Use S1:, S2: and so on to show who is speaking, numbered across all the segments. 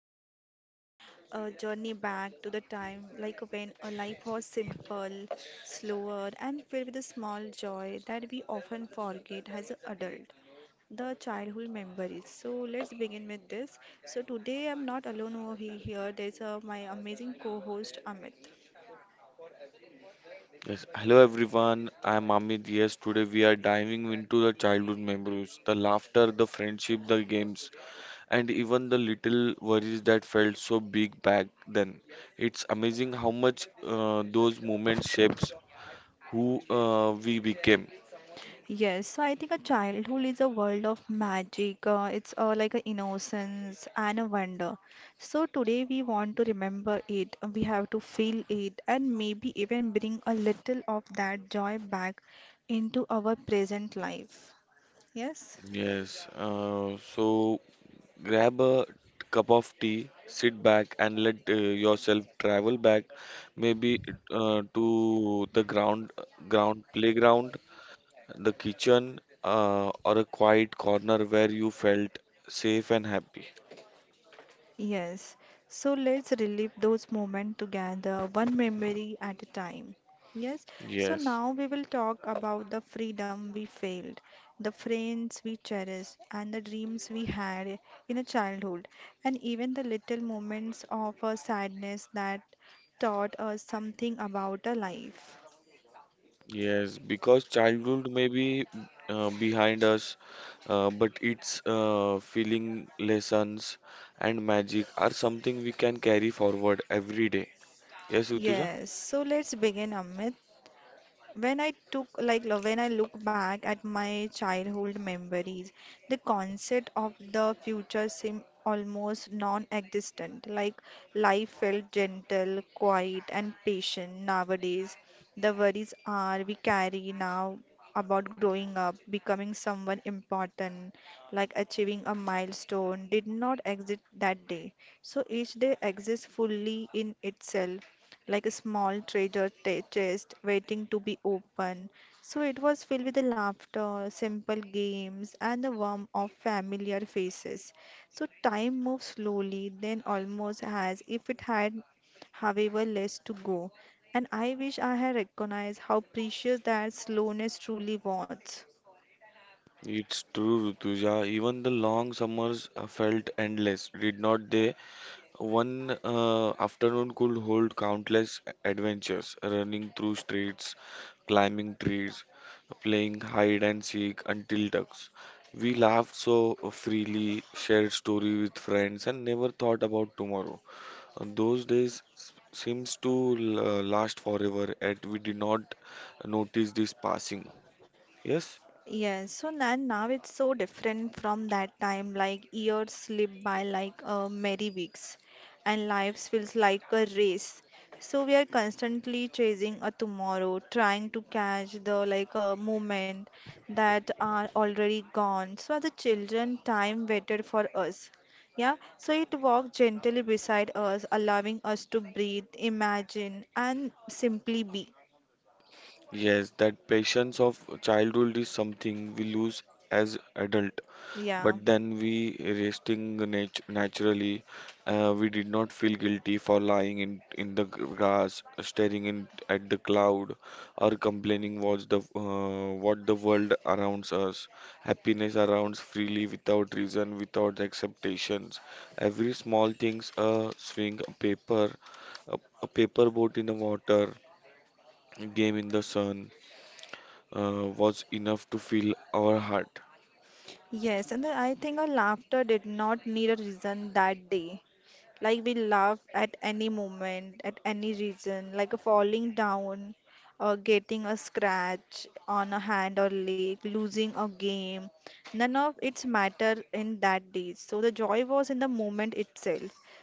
S1: little journey, a journey back to the time like when a life was simple, slower and filled with a small joy that we often forget as an adult. The childhood memories. So let's begin with this. So today I'm not alone over here. There's my amazing co-host Amit.
S2: Yes, hello everyone. I'm Amit. Yes, today we are diving into the childhood memories, the laughter, the friendship, the games, and even the little worries that felt so big back then. It's amazing how much those moments shapes who we became.
S1: Yes, so I think a childhood is a world of magic. It's like an innocence and a wonder. So today we want to remember it. We have to feel it and maybe even bring a little of that joy back into our present life. Yes.
S2: Yes, so grab a cup of tea, sit back, and let yourself travel back, maybe to the ground playground, the kitchen, or a quiet corner where you felt safe and happy.
S1: Yes, so let's relive those moments together, one memory at a time. Yes, so
S2: Yes,
S1: now we will talk about the freedom we failed, the friends we cherished, and the dreams we had in a childhood, and even the little moments of sadness that taught us something about a life.
S2: yes, because childhood may be behind us, but its feeling, lessons, and magic are something we can carry forward every day. Yes, Rutuja?
S1: Yes, so let's begin, Amit. When I took when I look back at my childhood memories, the concept of the future seemed almost non-existent. Like life felt gentle, quiet, and patient. Nowadays, the worries are we carry now about growing up, becoming someone important, like achieving a milestone, did not exist that day. So each day exists fully in itself, like a small chest waiting to be opened. So it was filled with the laughter, simple games, and the warmth of familiar faces. So time moved slowly, then almost as if it had, however, less to go. And I wish I had recognized how precious that slowness truly was.
S2: It's true, Rutuja. Even the long summers felt endless, did not they? One afternoon could hold countless adventures, running through streets, climbing trees, playing hide and seek until dusk. We laughed so freely, shared story with friends, and never thought about tomorrow. Those days seems to last forever, and we did not notice this passing. Yes,
S1: Yes, so now, now it's so different from that time. Like years slip by like merry weeks, and life feels like a race. So we are constantly chasing a tomorrow, trying to catch the like a moment that are already gone. So as a children, time waited for us. Yeah, so it walked gently beside us, allowing us to breathe, imagine, and simply be.
S2: yes, that patience of childhood is something we lose as adult.
S1: Yeah.
S2: But then we resting naturally. We did not feel guilty for lying in the grass, staring at the cloud, or complaining what's the what the world around us. Happiness around freely without reason, without expectations. Every small things, a swing, a paper, a paper boat in the water, game in the sun, was enough to fill our heart.
S1: Yes, and then I think our laughter did not need a reason that day. Like we laughed at any moment, at any reason, like a falling down, or getting a scratch on a hand or leg, losing a game. None of it's matter in that day. So the joy was in the moment itself.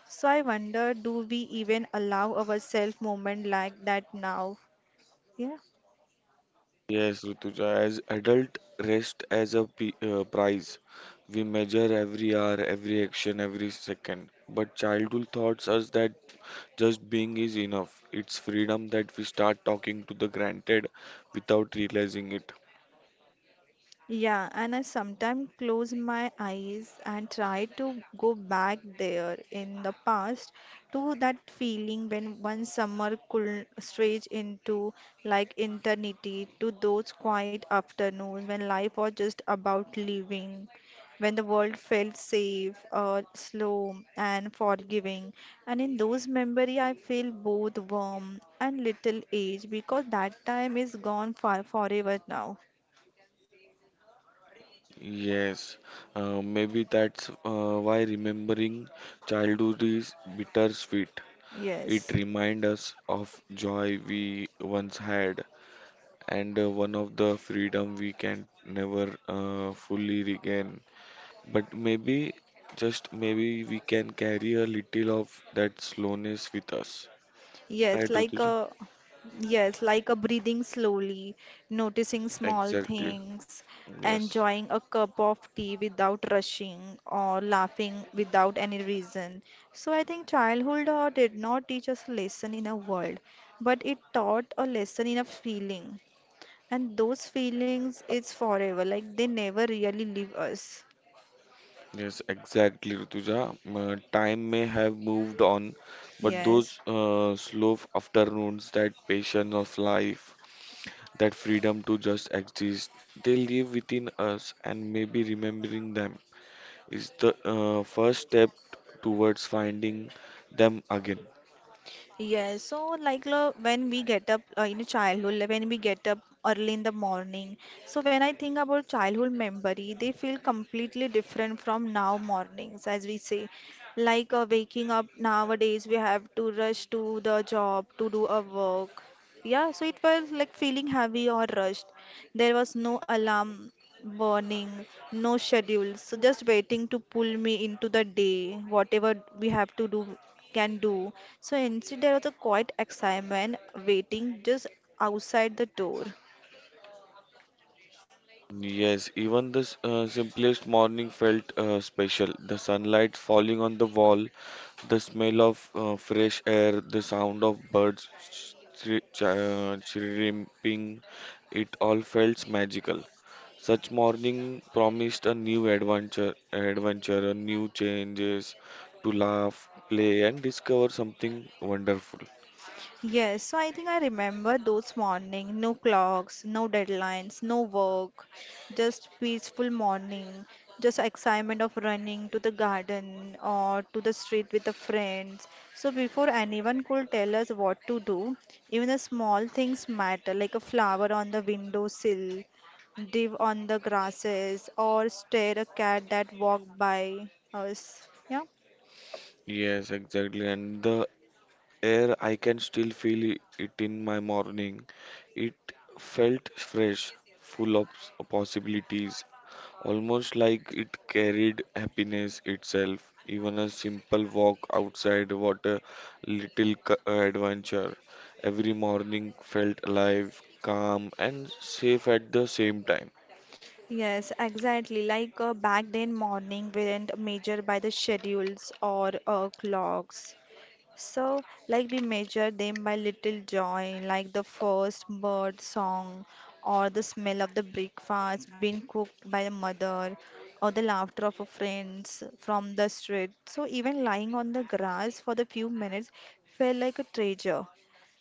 S1: So I wonder, do we even allow ourselves moment like that now? Yeah.
S2: Yes, Rutuja, as adult, rest as a p prize. We measure every hour, every action, every second. But childhood thoughts us that just being is enough. It's freedom that we start talking to the granted without realizing it.
S1: Yeah, and I sometimes close my eyes and try to go back there in the past to that feeling when one summer could stretch into like eternity to those quiet afternoons when life was just about living, when the world felt safe, slow and forgiving. And in those memories, I feel both warm and little aged because that time is gone far forever now.
S2: Yes, maybe that's why remembering childhood is bittersweet. It
S1: Yes.
S2: reminds us of joy we once had, and one of the freedom we can never fully regain. But maybe, just maybe, we can carry a little of that slowness with us.
S1: Yes,
S2: Right,
S1: like
S2: Rutuja?
S1: a yes, like a breathing slowly, noticing small
S2: Exactly.
S1: things,
S2: Yes.
S1: enjoying a cup of tea without rushing or laughing without any reason. So I think childhood did not teach us a lesson in a world, but it taught a lesson in a feeling. And those feelings is forever, like they never really leave us.
S2: Yes, exactly, Rutuja. Time may have moved on, but
S1: Yes.
S2: those slow afternoons, that patience of life, that freedom to just exist, they live within us, and maybe remembering them is the first step towards finding them again.
S1: Yes, so when we get up in childhood, like, when we get up early in the morning. So when I think about childhood memory, they feel completely different from now mornings, as we say. Like waking up nowadays, we have to rush to the job to do a work. Yeah, so it was like feeling heavy or rushed. There was no alarm warning, no schedules, so just waiting to pull me into the day, whatever we have to do, can do. So instead, there was a quiet excitement waiting just outside the door.
S2: Yes, even the simplest morning felt special. The sunlight falling on the wall, the smell of fresh air, the sound of birds chirping, it all felt magical. Such morning promised a new adventure, a new changes to laugh, play, and discover something wonderful.
S1: Yes, so I think I remember those mornings, no clocks, no deadlines, no work, just peaceful morning, just excitement of running to the garden or to the street with the friends. So before anyone could tell us what to do, even the small things matter, like a flower on the windowsill, div on the grasses, or stare a cat that walked by us. Yeah.
S2: Yes, exactly. And the air, I can still feel it in my morning. It felt fresh, full of possibilities, almost like it carried happiness itself. Even a simple walk outside, what a little adventure. Every morning felt alive, calm, and safe at the same time.
S1: Yes, exactly. Like back then, morning weren't measured by the schedules or clocks. So, like we measure them by little joy, like the first bird song, or the smell of the breakfast being cooked by the mother, or the laughter of a friends from the street. So, even lying on the grass for the few minutes felt like a treasure.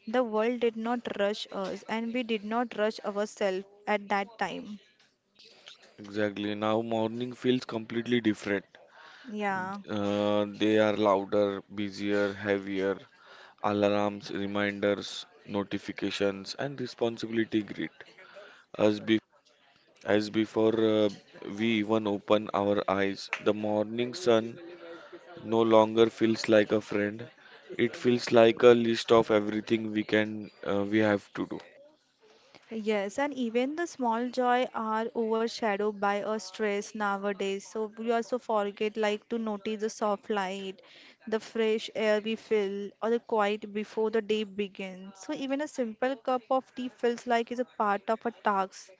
S1: The world did not rush us, and we did not rush ourselves at that time.
S2: Exactly. Now morning feels completely different.
S1: Yeah.
S2: They are louder, busier, heavier. Alarms, reminders, notifications, and responsibility grid. As be as before we even open our eyes, the morning sun no longer feels like a friend. It feels like a list of everything we can we have to do.
S1: Yes, and even the small joy are overshadowed by a stress nowadays. So we also forget like to notice the soft light, the fresh air we feel, or the quiet before the day begins. So even a simple cup of tea feels like is a part of a task.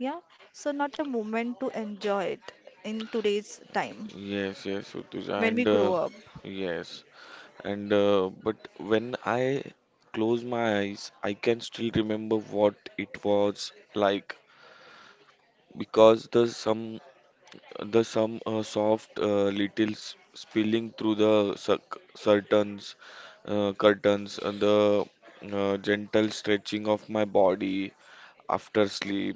S1: Yeah, so not a moment to enjoy it in today's time
S2: Yes, Utuja,
S1: when we
S2: and
S1: grow
S2: uh,
S1: up.
S2: yes. And but when I close my eyes, I can still remember what it was like because the some soft little spilling through the curtains, the gentle stretching of my body after sleep,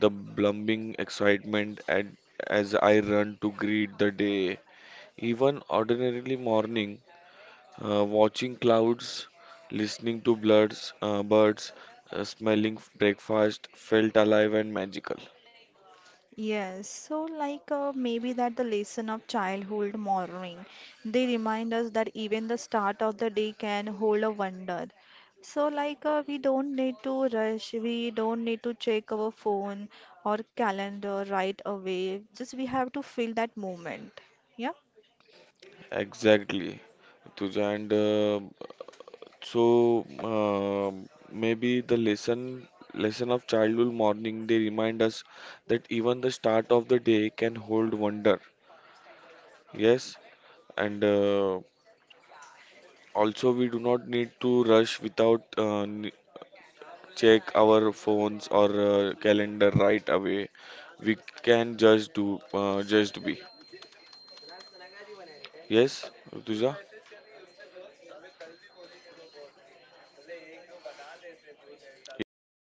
S2: the blooming excitement as I run to greet the day. Even ordinarily morning, watching clouds, listening to birds, smelling breakfast felt alive and magical.
S1: Yes, so like maybe that the lesson of childhood morning, they remind us that even the start of the day can hold a wonder. So like we don't need to rush, we don't need to check our phone or calendar right away. Just we have to feel that moment. Yeah.
S2: Exactly, Tuja. And so maybe the lesson of childhood morning, they remind us that even the start of the day can hold wonder. Yes, and also we do not need to rush without check our phones or calendar right away. We can just just be. Yes, Rutuja? Yes, Rutuja?